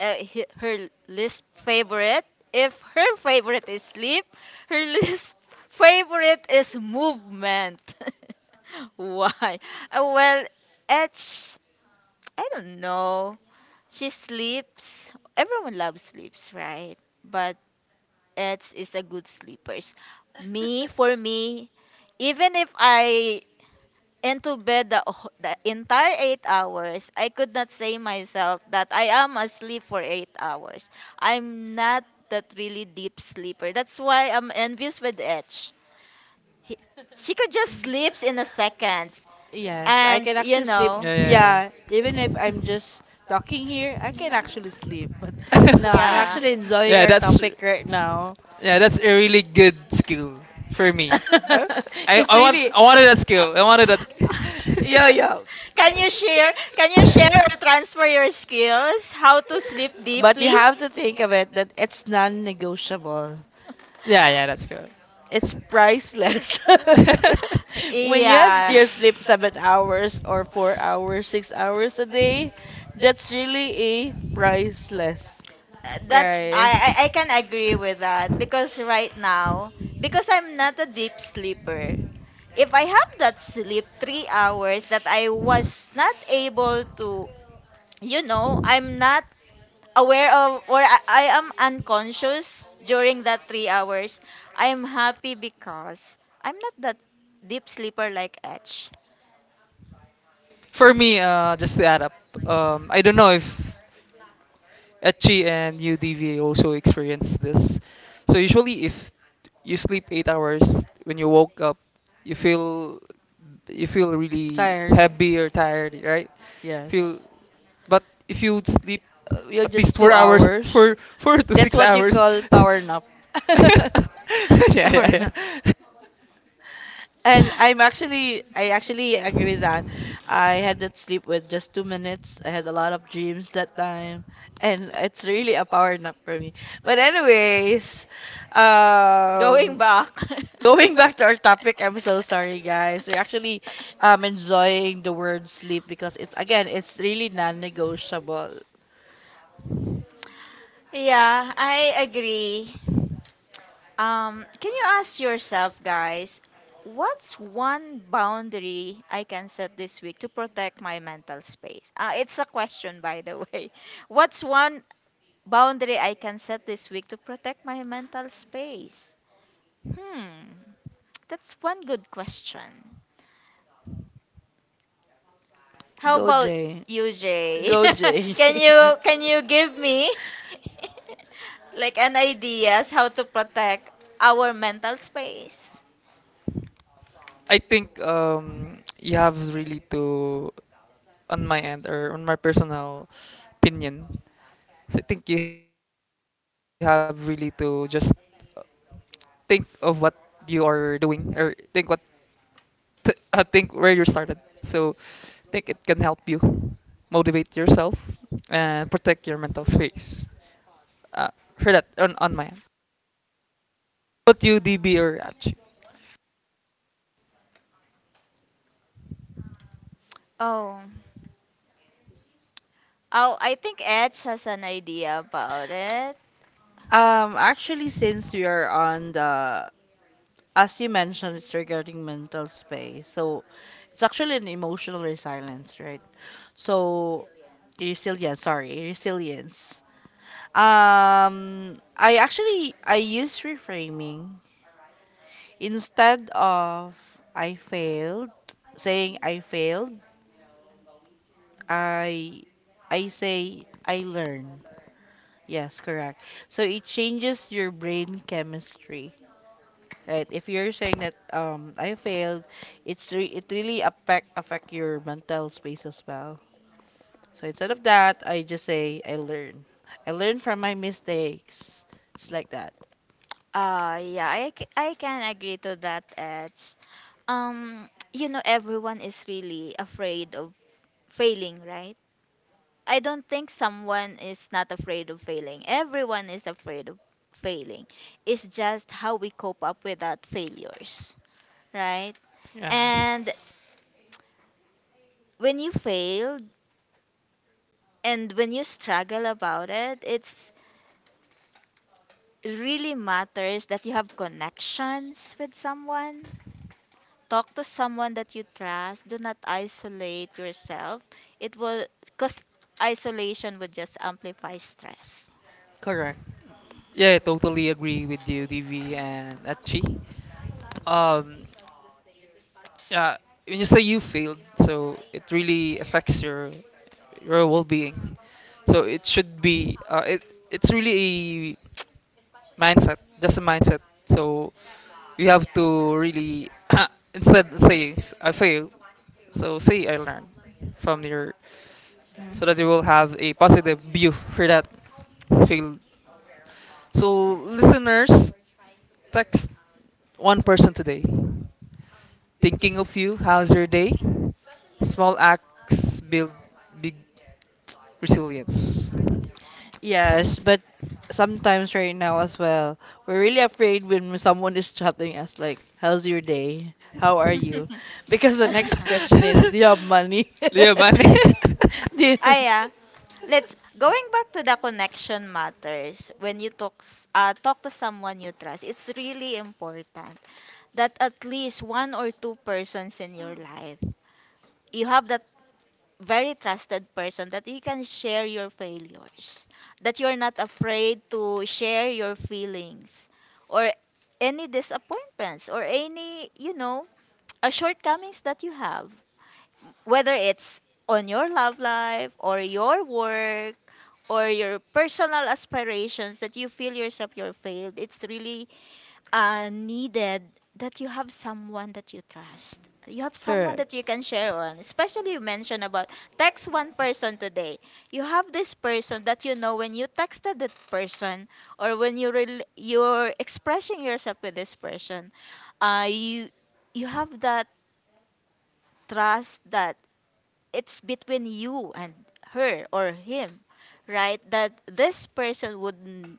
Speaker 2: her least favorite, if her favorite is sleep, her [laughs] least favorite is movement. [laughs] Why? Well, Itch, I don't know. She sleeps. Everyone loves sleeps, right? But Eds is a good sleepers. Me, for me, even if I into bed the entire 8 hours, I could not say myself that I am asleep for 8 hours. I'm not that really deep sleeper. That's why I'm envious with Edge. He, she could just sleeps in a seconds,
Speaker 1: Yes, I
Speaker 2: and
Speaker 1: can
Speaker 2: you
Speaker 1: actually sleep.
Speaker 2: know.
Speaker 3: Yeah, yeah,
Speaker 1: Yeah, even if I'm just talking here, I can actually sleep. But [laughs]
Speaker 3: yeah.
Speaker 1: no, I'm
Speaker 2: Yeah.
Speaker 1: actually
Speaker 3: [laughs]
Speaker 1: enjoying
Speaker 3: yeah,
Speaker 1: our
Speaker 3: that's
Speaker 2: [laughs]
Speaker 1: topic right now.
Speaker 3: yeah, that's a really good skill for me. Uh,
Speaker 1: [laughs] It's really.
Speaker 3: I wanted that skill. I wanted that.
Speaker 1: Yeah, yeah.
Speaker 2: Can you share? Can you share or
Speaker 3: [laughs]
Speaker 2: transfer your skills? How to sleep [laughs] but
Speaker 1: But you
Speaker 2: deeply?
Speaker 1: have to think of it that it's non-negotiable.
Speaker 3: Yeah, yeah, that's good.
Speaker 1: It's priceless. [laughs]
Speaker 2: Whether
Speaker 3: [laughs]
Speaker 1: When you have
Speaker 2: yeah.
Speaker 1: your sleep 7 hours or 4 hours, 6 hours a day, that's really a priceless.
Speaker 2: That's
Speaker 1: Right.
Speaker 2: I can agree with that because right now, because I'm not a deep sleeper. If I have that sleep 3 hours that I was not able to, I'm not aware of, or I am unconscious during that 3 hours, I am happy because I'm not that deep sleeper like Etch.
Speaker 3: For me, just to add up, I don't know if Etchi and UDVA also experience this. So usually, if you sleep 8 hours, when you woke up, you feel you feel really
Speaker 1: Tired.
Speaker 3: heavy or tired, right?
Speaker 1: Yes.
Speaker 3: Feel, but if you would sleep
Speaker 1: You're
Speaker 3: at least
Speaker 1: just
Speaker 3: four
Speaker 1: two
Speaker 3: hours,
Speaker 1: hours.
Speaker 3: four to
Speaker 1: That's
Speaker 3: six
Speaker 1: what you
Speaker 3: hours,
Speaker 1: call power nap.
Speaker 3: [laughs]
Speaker 1: [laughs]
Speaker 3: yeah, yeah,
Speaker 1: Power nap.
Speaker 3: yeah.
Speaker 1: And I actually agree with that. I had that sleep with just 2 minutes. I had a lot of dreams that time, and it's really a power nap for me. But anyways,
Speaker 2: Going
Speaker 1: um,
Speaker 2: back.
Speaker 1: going back to our topic, I'm so sorry, guys. We're actually
Speaker 2: [laughs]
Speaker 1: enjoying the word sleep because it's again, it's really non-negotiable.
Speaker 2: Yeah, I agree. Can you ask yourself, guys, what's one boundary I can set this week to protect my mental space? It's a question, by the way. [laughs] What's one boundary I can set this week to protect my mental space? Hmm, that's one good question. How
Speaker 1: Go
Speaker 2: about
Speaker 1: Jay,
Speaker 2: you, Jay?
Speaker 1: go Jay.
Speaker 2: [laughs] can
Speaker 1: [laughs]
Speaker 2: you can you give me [laughs] like an ideas how to protect our mental space?
Speaker 3: I think, you have really to, on my end or on my personal opinion, so I think you have really to just, uh, think of what you are doing or think what, think where you started. So I think it can help you motivate yourself and protect your mental space. Uh, for that on my end. What you DB or Raj?
Speaker 2: Oh, oh, I think Edge has an idea about it.
Speaker 1: Actually, since we are on the, as you mentioned, it's regarding mental space. So it's actually an emotional resilience, right? So resilience, sorry, resilience. I use reframing instead of I failed, saying I failed, I I say I learn. Yes, correct. So it changes your brain chemistry. Right. If you're saying that I failed, it really affect your mental space as well. So instead of that, I just say I learn. I learn from my mistakes. It's like that.
Speaker 2: Yeah, I can agree to that, Edge. You know, everyone is really afraid of failing, right? I don't think someone is not afraid of failing. Everyone is afraid of failing. It's just how we cope up with that failures, right?
Speaker 3: Yeah.
Speaker 2: And when you fail and when you struggle about it, it's really matters that you have connections with someone. Talk to someone that you trust. Do not isolate yourself. It will cause isolation would just amplify stress.
Speaker 1: Correct.
Speaker 3: Yeah, I totally agree with you, DV and Achi. Um, yeah, when you say you failed, so it really affects your well-being. So it should be, it's really a mindset, just a mindset. So you have to really [coughs] [clears throat] instead say I failed, so say I learned from your, so that you
Speaker 2: Mhm.
Speaker 3: will have a positive view for that failed. So listeners. Text one person today. Thinking of you, how's your day? Small acts build big resilience.
Speaker 1: Yes, but sometimes right now as well, we're really afraid when someone is chatting us like, "How's your day? How are you?" [laughs] Because the next question
Speaker 2: [laughs]
Speaker 1: is, "Do you have money?"
Speaker 2: [laughs]
Speaker 3: [laughs] Leo Manny. [laughs]
Speaker 1: [laughs] Do you-
Speaker 2: Ah, yeah. Let's going back to the connection matters. When you talk to someone you trust, it's really important that at least one or two persons in your life, you have that very trusted person that you can share your failures, that you're not afraid to share your feelings or any disappointments, or any, [tsk] shortcomings that you have, whether it's on your love life or your work or your personal aspirations that you feel yourself you're failed. It's really needed that you have someone that you trust, you have someone
Speaker 1: Correct.
Speaker 2: that you can share on, especially you mentioned about text one person today. You have this person that you know when you texted that person or when you're expressing yourself with this person, you you have that trust that it's between you and her or him, right? That this person would n-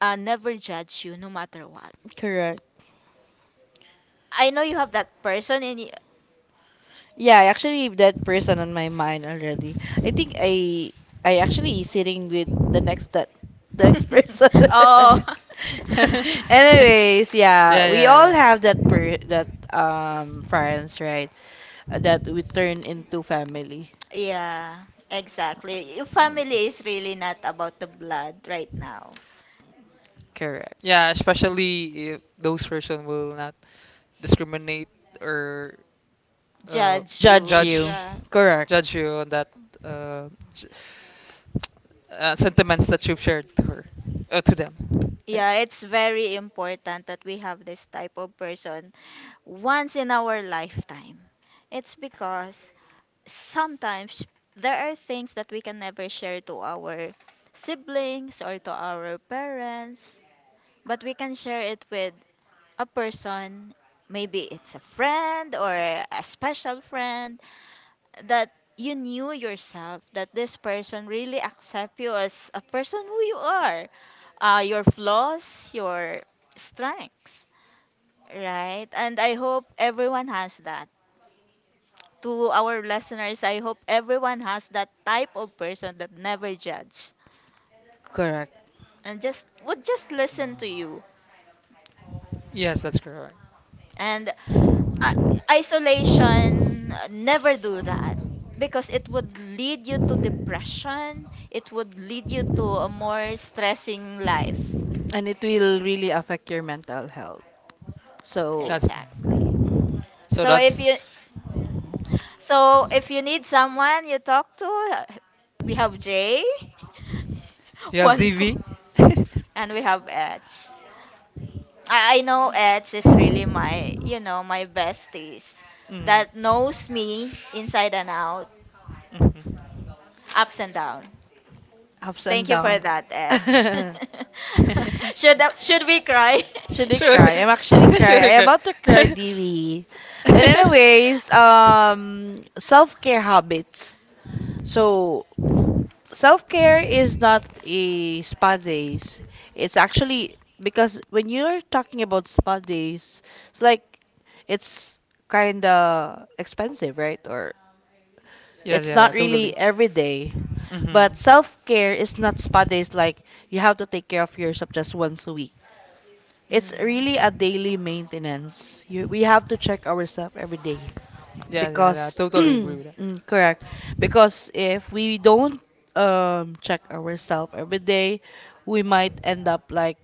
Speaker 2: uh, never judge you no matter what.
Speaker 1: Correct.
Speaker 2: I know you have that person in you.
Speaker 1: Yeah, I actually have that person on my mind already. I think I actually sitting with the next that [laughs] the next person.
Speaker 2: [laughs]
Speaker 1: [laughs]
Speaker 2: Oh,
Speaker 3: Yeah,
Speaker 1: Anyways, yeah,
Speaker 3: yeah,
Speaker 1: we all
Speaker 3: yeah.
Speaker 1: have that friends, right? That we turn into family.
Speaker 2: yeah, exactly. Your family is really not about the blood right now.
Speaker 1: Correct.
Speaker 3: Yeah, especially if those person will not discriminate or, uh,
Speaker 2: Judge
Speaker 1: Judge
Speaker 2: you, judge,
Speaker 1: you.
Speaker 3: judge
Speaker 2: right?
Speaker 1: Correct.
Speaker 3: judge you on that, uh, s- sentiments that you've shared to her, to them. Right?
Speaker 2: Yeah, it's very important that we have this type of person once in our lifetime. It's because sometimes there are things that we can never share to our siblings or to our parents, but we can share it with a person. Maybe it's a friend or a special friend that you knew yourself that this person really accept you as a person who you are, your flaws, your strengths, right? And I hope everyone has that. To our listeners, I hope everyone has that type of person that never judge
Speaker 1: Correct.
Speaker 2: and just would just listen to you.
Speaker 3: Yes, that's correct.
Speaker 2: And uh, isolation, never do that because it would lead you to depression. It would lead you to a more stressing life.
Speaker 1: And it will really affect your mental health. So
Speaker 3: That's
Speaker 2: Exactly.
Speaker 3: correct. So
Speaker 2: So if
Speaker 3: that's
Speaker 2: you so if you need someone you talk to, uh, we have Jay, [laughs]
Speaker 3: you have
Speaker 2: one
Speaker 3: DV.
Speaker 2: co-
Speaker 3: [laughs]
Speaker 2: and we have Edge. I know Eds is really my, you know, my besties that knows me inside and out,
Speaker 3: Mhm.
Speaker 2: ups and down.
Speaker 1: ups and
Speaker 2: Thank you for
Speaker 1: downs.
Speaker 2: that, Edge.
Speaker 1: [laughs]
Speaker 3: [laughs]
Speaker 2: [laughs] Should we cry?
Speaker 1: Should I
Speaker 3: Sure.
Speaker 2: [laughs]
Speaker 1: cry? I'm actually
Speaker 3: [laughs] Sure,
Speaker 1: crying. I'm
Speaker 3: girl.
Speaker 1: about to cry,
Speaker 3: [laughs]
Speaker 1: Dewey. But anyways, self-care habits. So self-care is not a spa days. It's actually because when you're talking about spa days, it's like it's kinda expensive, right? Or
Speaker 3: Yes, yeah,
Speaker 1: it's
Speaker 3: yeah,
Speaker 1: not
Speaker 3: totally.
Speaker 1: really every day. But
Speaker 3: Hmm.
Speaker 1: self-care is not spa days like you have to take care of yourself just once a week. It's really a
Speaker 2: Mm.
Speaker 1: daily maintenance. We have to check ourselves every day
Speaker 3: Yeah, yeah, yeah,
Speaker 1: because, [clears throat]
Speaker 3: totally agree with that.
Speaker 1: correct. Because if we don't check ourselves every day, we might end up like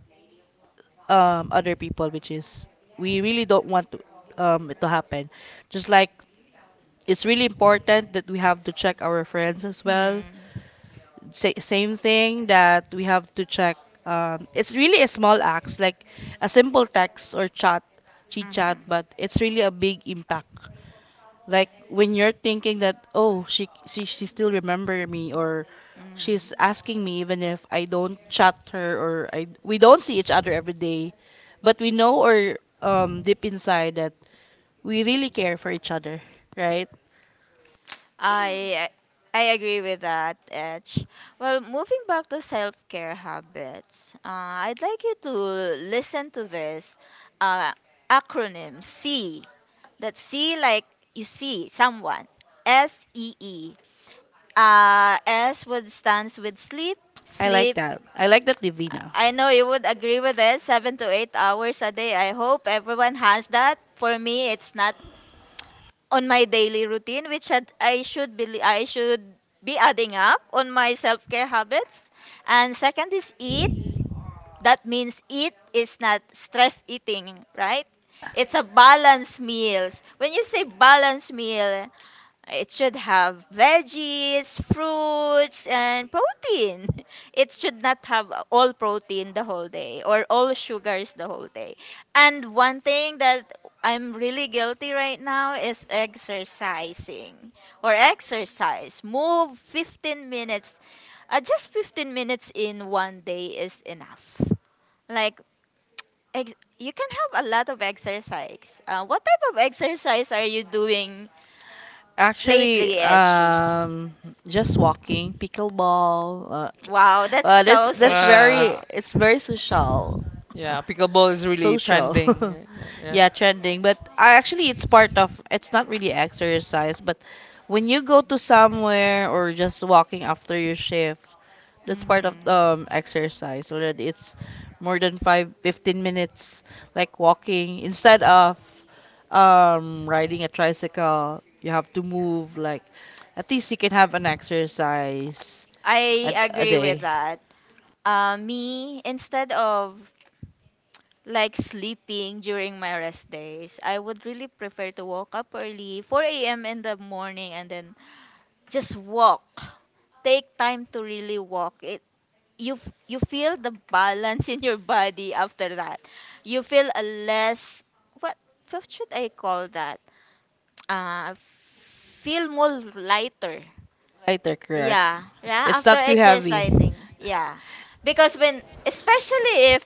Speaker 1: other people, which is we really don't want to, it to happen. Just like it's really important that we have to check our friends as well, same thing that we have to check. It's really a small acts like a simple text or chat, chit
Speaker 2: Mm. Mhm.
Speaker 1: chat, but it's really a big impact. Like when you're thinking that oh, she still remember me or
Speaker 2: She's
Speaker 1: she's
Speaker 2: Mm.
Speaker 1: asking me even if I don't chat her or I we don't see each other every
Speaker 2: So
Speaker 1: day, but we know or deep inside that we really care for each other, right?
Speaker 2: I I agree with that, Edge. Well, moving back to self-care habits, I'd like you to listen to this uh, acronym C. That's C like you see someone. SEE. S would stands with sleep.
Speaker 1: I like
Speaker 2: Sleep,
Speaker 1: that. I like that, Divina.
Speaker 2: I know you would agree with this. 7 to 8 hours a day. I hope everyone has that. For me, it's not on my daily routine, which I should be. I should be adding up on my self-care habits. And second is eat. That means eat is not stress eating, right? It's a balanced meals. When you say balanced meal, it should have veggies, fruits, and protein. [laughs] It should not have all protein the whole day or all sugars the whole day. And one thing that I'm really guilty right now is exercising or exercise. Move 15 minutes. Just 15 minutes in one day is enough. Like, you can have a lot of exercise. What type of exercise are you doing
Speaker 1: Actually,
Speaker 2: lately, Edgy?
Speaker 1: just walking, pickleball. T-
Speaker 2: Wow, that's so
Speaker 1: that's
Speaker 3: Wow,
Speaker 1: very
Speaker 3: that's
Speaker 2: social.
Speaker 1: it's very social. Uh,
Speaker 3: yeah. Pickleball is really
Speaker 1: Social.
Speaker 3: trending.
Speaker 1: [laughs]
Speaker 3: Yeah, yeah. Yeah.
Speaker 1: Yeah, trending. But I actually it's part of it's not really exercise, but when you go to somewhere or just walking after your shift, that's part of
Speaker 2: Mhm.
Speaker 1: exercise already. It's more than five fifteen minutes, like walking instead of riding a tricycle. You have to move like at least you can have an exercise a,
Speaker 2: I
Speaker 1: a
Speaker 2: agree with
Speaker 1: day.
Speaker 2: that. Me, instead of like sleeping during my rest days, I would really prefer to wake up early, 4 a.m. in the morning, and then just walk. Take time to really walk. It you feel the balance [laughs] in your body after that. You feel a less, what what should I call that? Uh, feel more lighter.
Speaker 1: Lighter, correct.
Speaker 2: Yeah, yeah,
Speaker 1: It's
Speaker 2: after
Speaker 1: not too heavy
Speaker 2: exercising. Yeah. Because when, especially if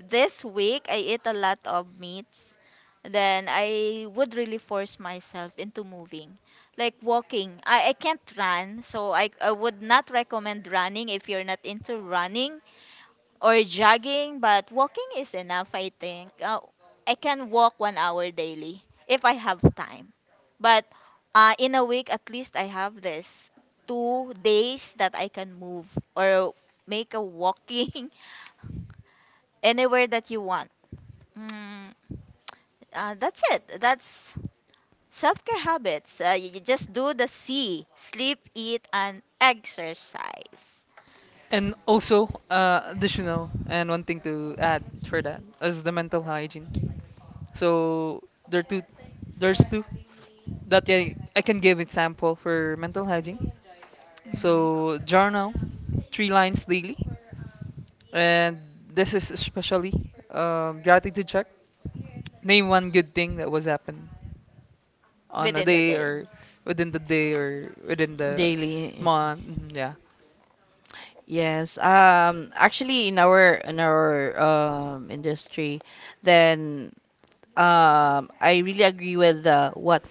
Speaker 2: this week I eat a lot of meats, then I would really force myself into moving. Like walking. I can't run, so I would not recommend running if you're not into running or jogging, but walking is enough, I think. I can walk one hour daily if I have time. But in a week, at least I have this two days that I can move or make a walking [laughs] anywhere that you want. Mm, that's it. That's self care habits. You just do the C: sleep, eat, and exercise.
Speaker 3: And also, additional and one thing to add for that is the mental hygiene. So there's two that I can give example for mental hygiene.
Speaker 2: Mhm.
Speaker 3: So journal three lines daily, and this is especially, gratitude check. Name one good thing that was happened on a
Speaker 2: Within the
Speaker 3: day,
Speaker 2: day.
Speaker 3: or within the day or within the
Speaker 1: daily.
Speaker 3: month. Mhm. Yeah.
Speaker 1: Yes. Actually, in our industry, then I really agree with what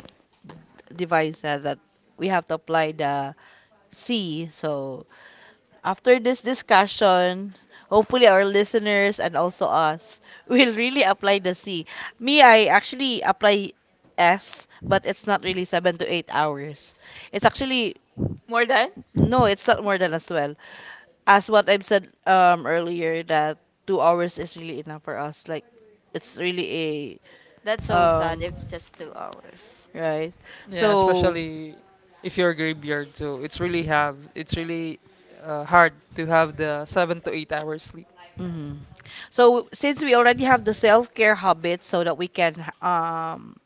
Speaker 1: device says that we have to apply the C. So after this discussion, hopefully our listeners and also us [laughs] will really apply the C. Me, I actually apply S, but it's not really 7 to 8 hours. It's actually
Speaker 2: More than?
Speaker 1: no, it's not more than as well. As what I've said earlier that 2 hours is really enough for us. Like it's really
Speaker 2: That's
Speaker 1: a
Speaker 2: so sad if just two hours.
Speaker 1: right.
Speaker 3: Yeah.
Speaker 1: So
Speaker 3: Especially if you're a graveyard, so it's really, hard to have the 7 to 8 hours sleep.
Speaker 1: Mhm. So since we already have the self-care habits so that we can um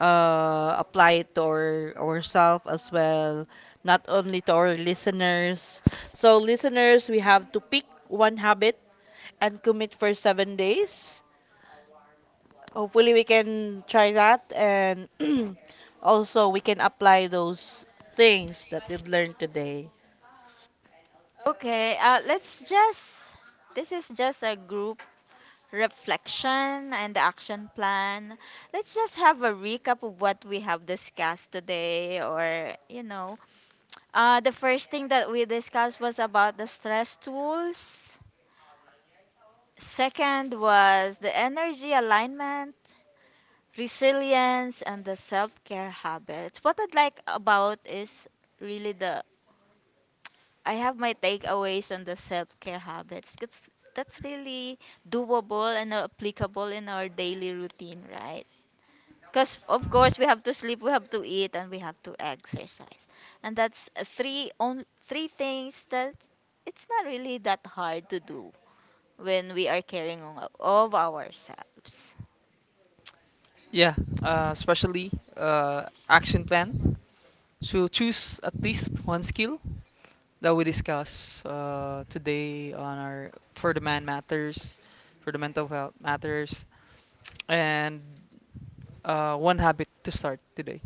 Speaker 1: apply it to ourselves as well, not only to our listeners. So listeners, we have to pick one habit and commit for 7 days. Hopefully we can try that, and [clears throat] also we can apply those things that we've learned today.
Speaker 2: Okay, let's just, this is just a group reflection and action plan. Let's just have a recap of what we have discussed today, or, you know. The first thing that we discussed was about the stress tools, second was the energy alignment. Resilience and the self care habits. What I'd like about is really the, I have my takeaways on the self-care habits. Cause that's really doable and applicable in our daily routine, right? Because of course we have to sleep, we have to eat, and we have to exercise, and that's three on three things that it's not really that hard to do when we are caring on, of ourselves.
Speaker 3: Yeah, especially, action plan. So choose at least one skill that we discuss, today on our for the man matters, for the mental health matters, and, one habit to start today.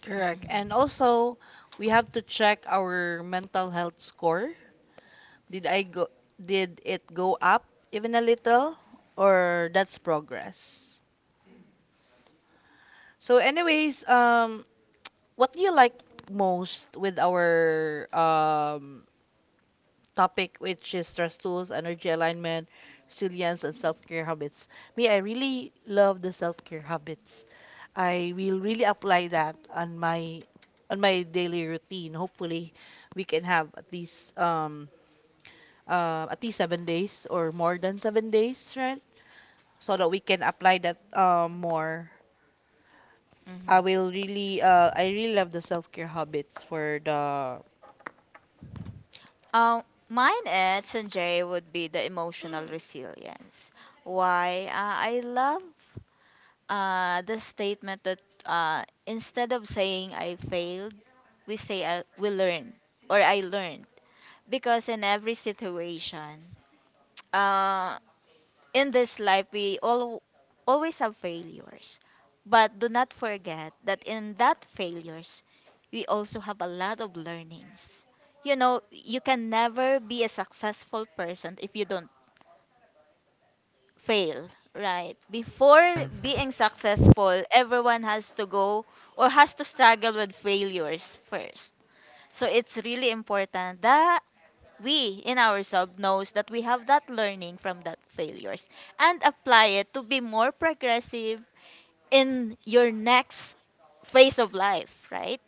Speaker 1: Correct. And
Speaker 2: Hmm.
Speaker 1: also we have to check our mental health score. Did I go did it go up even a little, or that's progress? So anyways, what do you like most with our topic, which is stress tools, energy alignment, resilience and self-care habits? Me, I really love the self-care habits. I will really apply that on my daily routine. Hopefully, we can have at least 7 days or more than 7 days, right? So that we can apply that more.
Speaker 2: Hmm.
Speaker 1: I will
Speaker 2: Mhm.
Speaker 1: really, uh, I really love the self care habits for the
Speaker 2: Um, Mine at Sanjay would be the emotional resilience. Why? I love the statement that instead of saying I failed, we say I, we learned or I learned. Because in every situation, [tsk] uh, in this life we all always have failures, but do not forget that in that failures we also have a lot of learnings. You know, you can never be a successful person if you don't fail, right? Before
Speaker 3: Yes.
Speaker 2: being successful, everyone has to go or has to struggle with failures first. So it's really important that we in ourselves knows that we have that learning from that failures, and apply it to be more progressive in your next phase of life, right?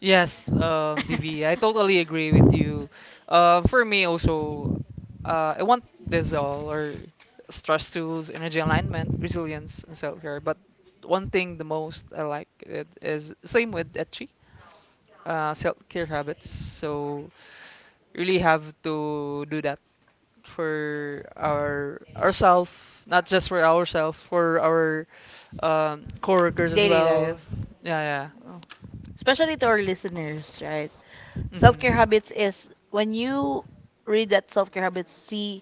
Speaker 3: Yes, DV, I totally agree with you.
Speaker 2: [laughs]
Speaker 3: For me also, I want this all or stress tools, energy alignment, resilience, and self care. But one thing the most I like it is same with Etchi. Self-care habits. So really have to do that for our ourselves, not just for ourselves, for our, coworkers as
Speaker 1: daily life.
Speaker 3: well. Yeah, yeah.
Speaker 1: Oh, especially to our listeners, right? Self care
Speaker 3: Mhm.
Speaker 1: habits is when you read that self care habits, see,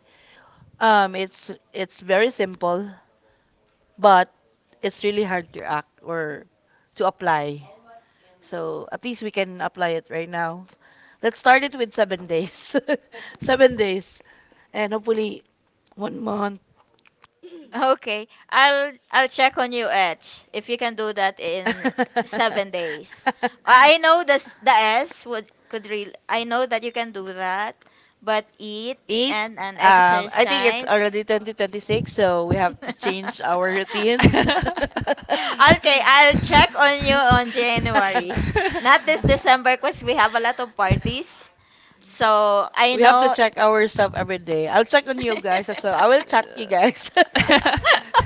Speaker 1: it's very simple, but it's really hard to act or to apply. So at least we can apply it right now. Let's start it with 7 days, [laughs] 7 days, and hopefully one month.
Speaker 2: Okay. I'll check on you, Etch, if you can do that in seven
Speaker 1: [laughs]
Speaker 2: days. I know this, the S would could real, I know that you can do that, but eat and an exercise.
Speaker 1: Already 2026, so we have to change
Speaker 2: [laughs]
Speaker 1: our routine. [laughs]
Speaker 2: Okay, I'll
Speaker 1: Okay.
Speaker 2: check on you on January. Not
Speaker 1: [laughs]
Speaker 2: this December because we have a lot of parties. So I
Speaker 1: We have to
Speaker 2: know.
Speaker 1: check our stuff
Speaker 2: [laughs]
Speaker 1: every day. I'll check on you guys as well. I will chat you guys.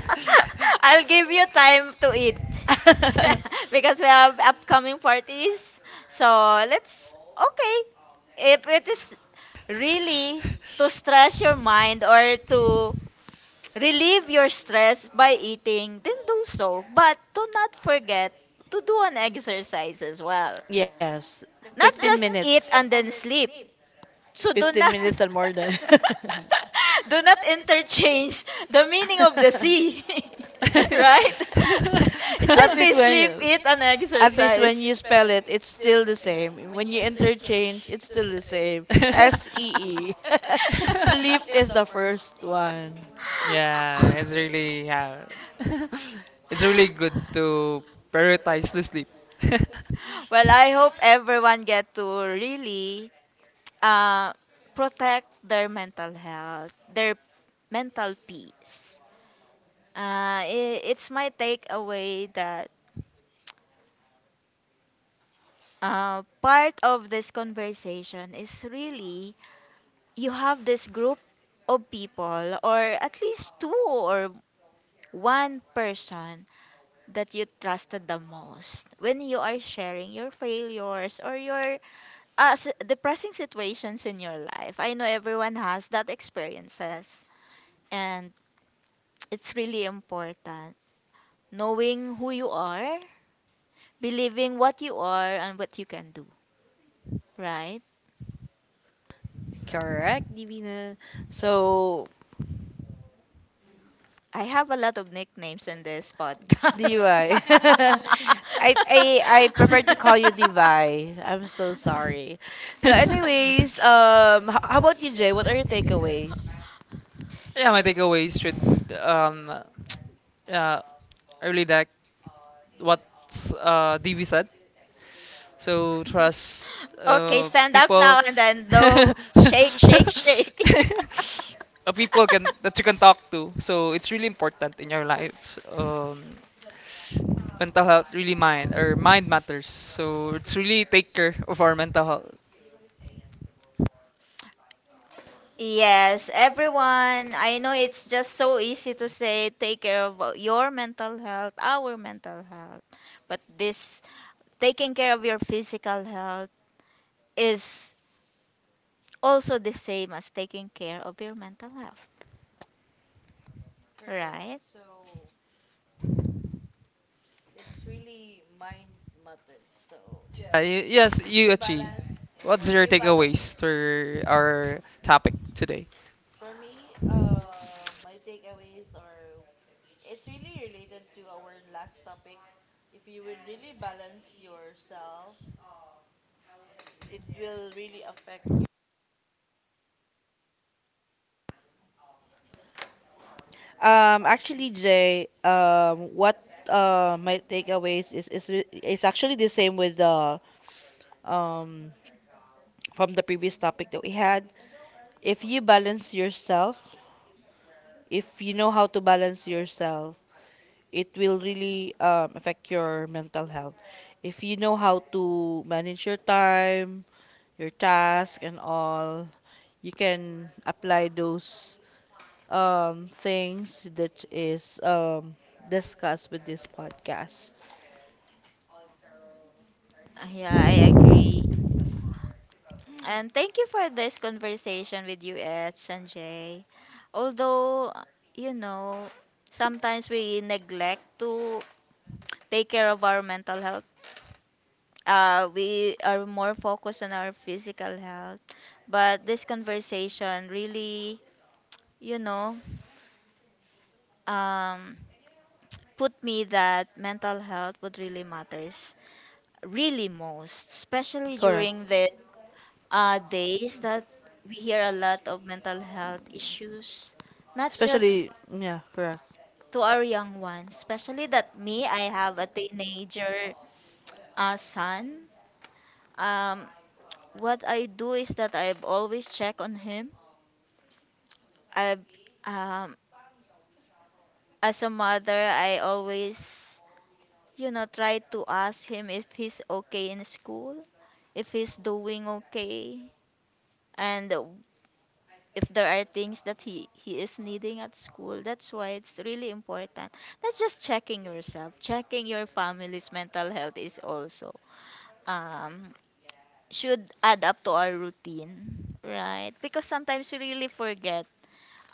Speaker 2: [laughs] Give you time to eat [laughs]
Speaker 3: [laughs]
Speaker 2: because we have upcoming parties. So let's, okay. If it is really to stress your mind or to
Speaker 3: [laughs]
Speaker 2: relieve your stress by eating, then do so. But do not forget to do an exercise as well.
Speaker 1: Yes,
Speaker 2: Not
Speaker 1: 15
Speaker 2: just eat
Speaker 1: minutes.
Speaker 2: and then sleep, so do
Speaker 1: 15
Speaker 2: not
Speaker 1: minutes and more than. [laughs] Do
Speaker 2: [laughs] do not interchange the meaning of
Speaker 1: [laughs]
Speaker 2: the sea. [laughs] Right?
Speaker 1: [laughs]
Speaker 2: [laughs] It
Speaker 1: At
Speaker 2: should
Speaker 1: least
Speaker 2: be
Speaker 1: when
Speaker 2: sleep,
Speaker 1: you,
Speaker 2: eat, and I when you
Speaker 1: at least when
Speaker 2: exercise.
Speaker 1: you spell it, it's still the same. When you interchange, it's still the same. SEE. [laughs]
Speaker 2: [laughs]
Speaker 1: Sleep is the first
Speaker 2: One.
Speaker 1: one.
Speaker 3: Yeah, [laughs] it's really good to
Speaker 2: [laughs]
Speaker 3: prioritize the sleep.
Speaker 2: Well, I hope everyone get to really uh, protect their mental health, their mental peace. I It's my takeaway that part of this conversation is really you have this group of people, or at least two or one person that you trusted the most when you are sharing your failures or your depressing situations in your life. I know everyone has that experiences, and it's really important. Knowing who you are, believing what you are, and what you can do, right?
Speaker 1: Correct, Divina. So
Speaker 2: I have a lot of nicknames in this, you podcast. Are. [laughs]
Speaker 1: Levi. [laughs] I
Speaker 2: I, I,
Speaker 1: I I
Speaker 2: I
Speaker 1: prefer to
Speaker 2: can't [laughs]
Speaker 1: call
Speaker 2: qualify.
Speaker 1: you Levi.
Speaker 2: I'm
Speaker 1: I'm so
Speaker 2: so sorry.
Speaker 1: sorry. So
Speaker 3: [laughs]
Speaker 1: anyways,
Speaker 3: [laughs]
Speaker 1: how about you, Jay? What are your takeaways?
Speaker 3: Yeah, my takeaways should, um uh really that what's, DV said. So trust,
Speaker 2: Okay, so stand up
Speaker 3: people
Speaker 2: now and then
Speaker 3: [laughs] uh,
Speaker 2: no shake, shake, shake.
Speaker 3: people can that you can talk to. So it's really important in your life. Mental health really, mind matters. So it's really take care of our mental health.
Speaker 2: [laughs] Yes, everyone, I know it's just so easy to say take care of your mental health, our mental health, but this taking care of your physical health is also the same as taking care of your mental health, right?
Speaker 3: Yes, you achieve. What's your takeaways to our topic today?
Speaker 1: Actually, Jay, what my takeaways is actually the same with the um from the previous topic that we had. If you balance yourself, if you know how to balance yourself, it will really affect your mental health. If you know how to manage your time, your task, and all, you can apply those things that is discussed with this podcast.
Speaker 2: Yeah, I agree. Mm. And thank you for this conversation with you, Ed, Sanjay. Although, you know, sometimes we neglect to take care of our mental health. We are more focused on our physical health. But this conversation really, you know, um, put me that mental health would really matters. Really most, especially
Speaker 1: Correct.
Speaker 2: during the days that we hear a lot of mental health issues, not just
Speaker 1: Especially, yeah, correct.
Speaker 2: to our young ones, especially that me, I have a teenager son. Um, what I do is that I've always check on him. I've, um, as a mother, I always, you know, try to ask him if he's okay in school, if he's doing okay, and if there are things that he is needing at school. That's why it's really important, that's just checking yourself, checking your family's mental health is also um should add up to our routine, right? Because sometimes we really forget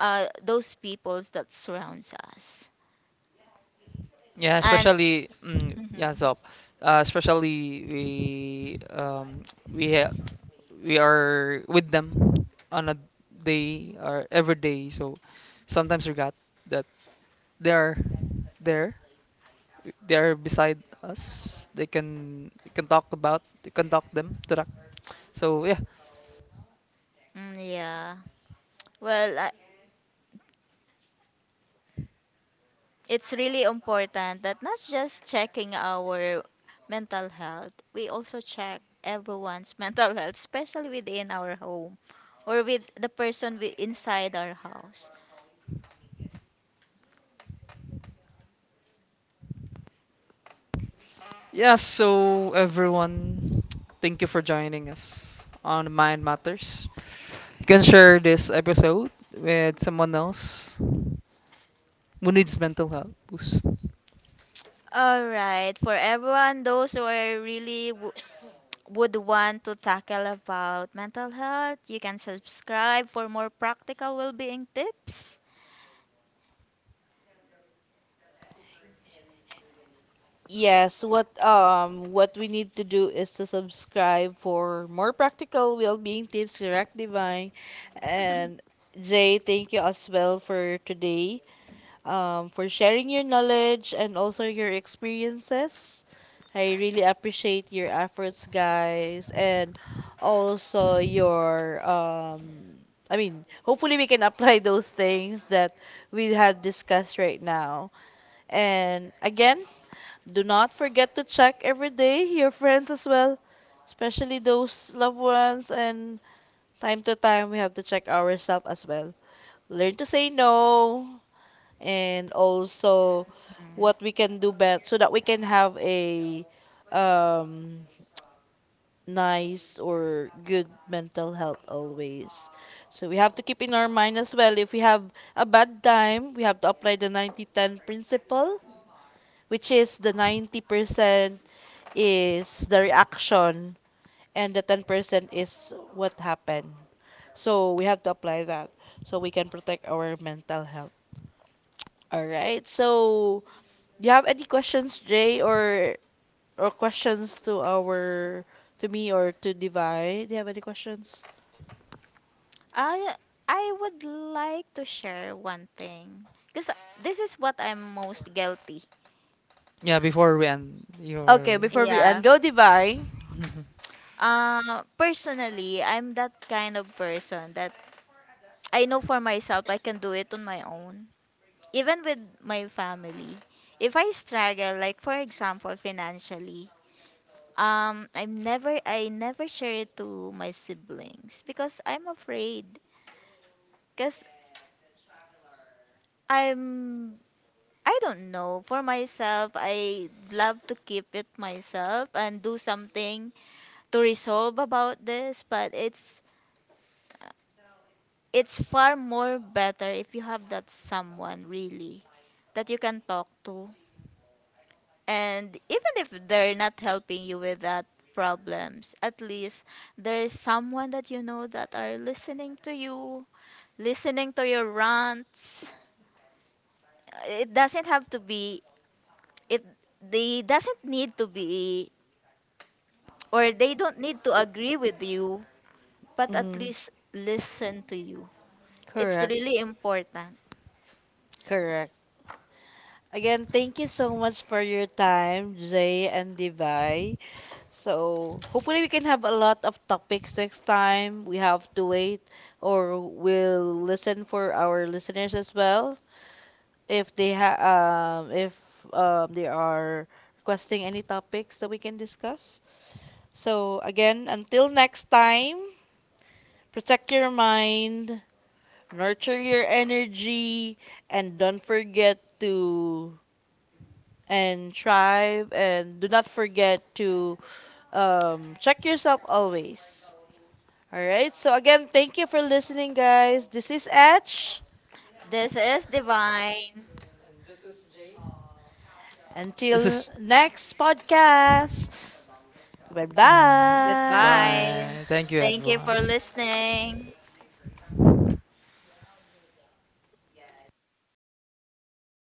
Speaker 2: those peoples that surrounds us,
Speaker 3: Yeah,
Speaker 2: and
Speaker 3: especially,
Speaker 2: [laughs] mhm.
Speaker 3: yeah, Zop. Especially we, um [tsk] we ha- we are with them on a day or every day. So sometimes forgot that they are there. They are beside us. They can we can talk about. They can talk them to that. So yeah.
Speaker 2: Mm, yeah, well it's really important that not just checking our mental health, we also check everyone's [laughs] mental health, especially within our home or with the person we, inside our house.
Speaker 3: Yeah, so everyone, thank you for joining us on Mind Matters. You can share this episode with someone else who needs mental health boost.
Speaker 2: All right, for everyone, those who are really [clears throat] [tsk] would want to tackle about mental health, you can subscribe for more practical well-being tips.
Speaker 1: Yes, what we need to do is to subscribe for more practical well-being tips, correct, Divine? And Jay, thank you as well for today, for sharing your knowledge and also your experiences. I really appreciate your efforts, guys, and also your I mean, hopefully we can apply [laughs] those things that we had discussed right now. And again, do not forget to check every day your friends as well, especially those loved ones. And time to time, we have to check ourselves as well. Learn to say no, and also
Speaker 2: Mm.
Speaker 1: what we can do better so that we can have a um, nice or good mental health always. So we have to keep in our mind as well, if we have a bad time, we have to apply the 90-10 principle, which is the 90% is the reaction and the 10% is what happened. So we have to apply that so we can protect our mental health. All right. So, do you have any questions, Jay, or questions to me or to Divine? Do you have any questions?
Speaker 2: I I would like to share one thing because this is what I'm most guilty.
Speaker 3: Yeah, before we end your.
Speaker 1: Okay,
Speaker 3: [laughs]
Speaker 1: before we
Speaker 2: Yeah.
Speaker 1: end, go Divine.
Speaker 2: Personally, I'm that kind of person that I know for myself I can do it on my own, even with my family. If I struggle, like for example, financially, I never share it to my siblings because I'm afraid. Because I'm, I don't know. For myself, I love to keep it myself and do something to resolve about this, but it's far more better if you have that someone really that you can talk to. And even if they're not helping you with that problems, at least there is someone that you know that are listening to you, listening to your rants. It doesn't have to be it, they doesn't need to be, or they don't need to agree with you, but at
Speaker 1: Mm,
Speaker 2: least listen to you. It's
Speaker 1: correct.
Speaker 2: really important.
Speaker 1: Correct. Again, thank you so much for your time, Jay and Divine. So hopefully we can have a lot of topics next time. We have to wait or we'll listen for our listeners as well if they are requesting any topics that we can discuss. So again, until next time, protect your mind, nurture your energy, and don't forget to and thrive and do not forget to check yourself always. All right. So again, thank you for listening, guys. This is Etch.
Speaker 2: This is Divine.
Speaker 3: This
Speaker 1: Until
Speaker 3: is.
Speaker 1: next podcast.
Speaker 3: Bye.
Speaker 1: Goodbye.
Speaker 2: Goodbye.
Speaker 3: Bye. Thank you,
Speaker 2: Thank you for
Speaker 3: everyone.
Speaker 2: listening.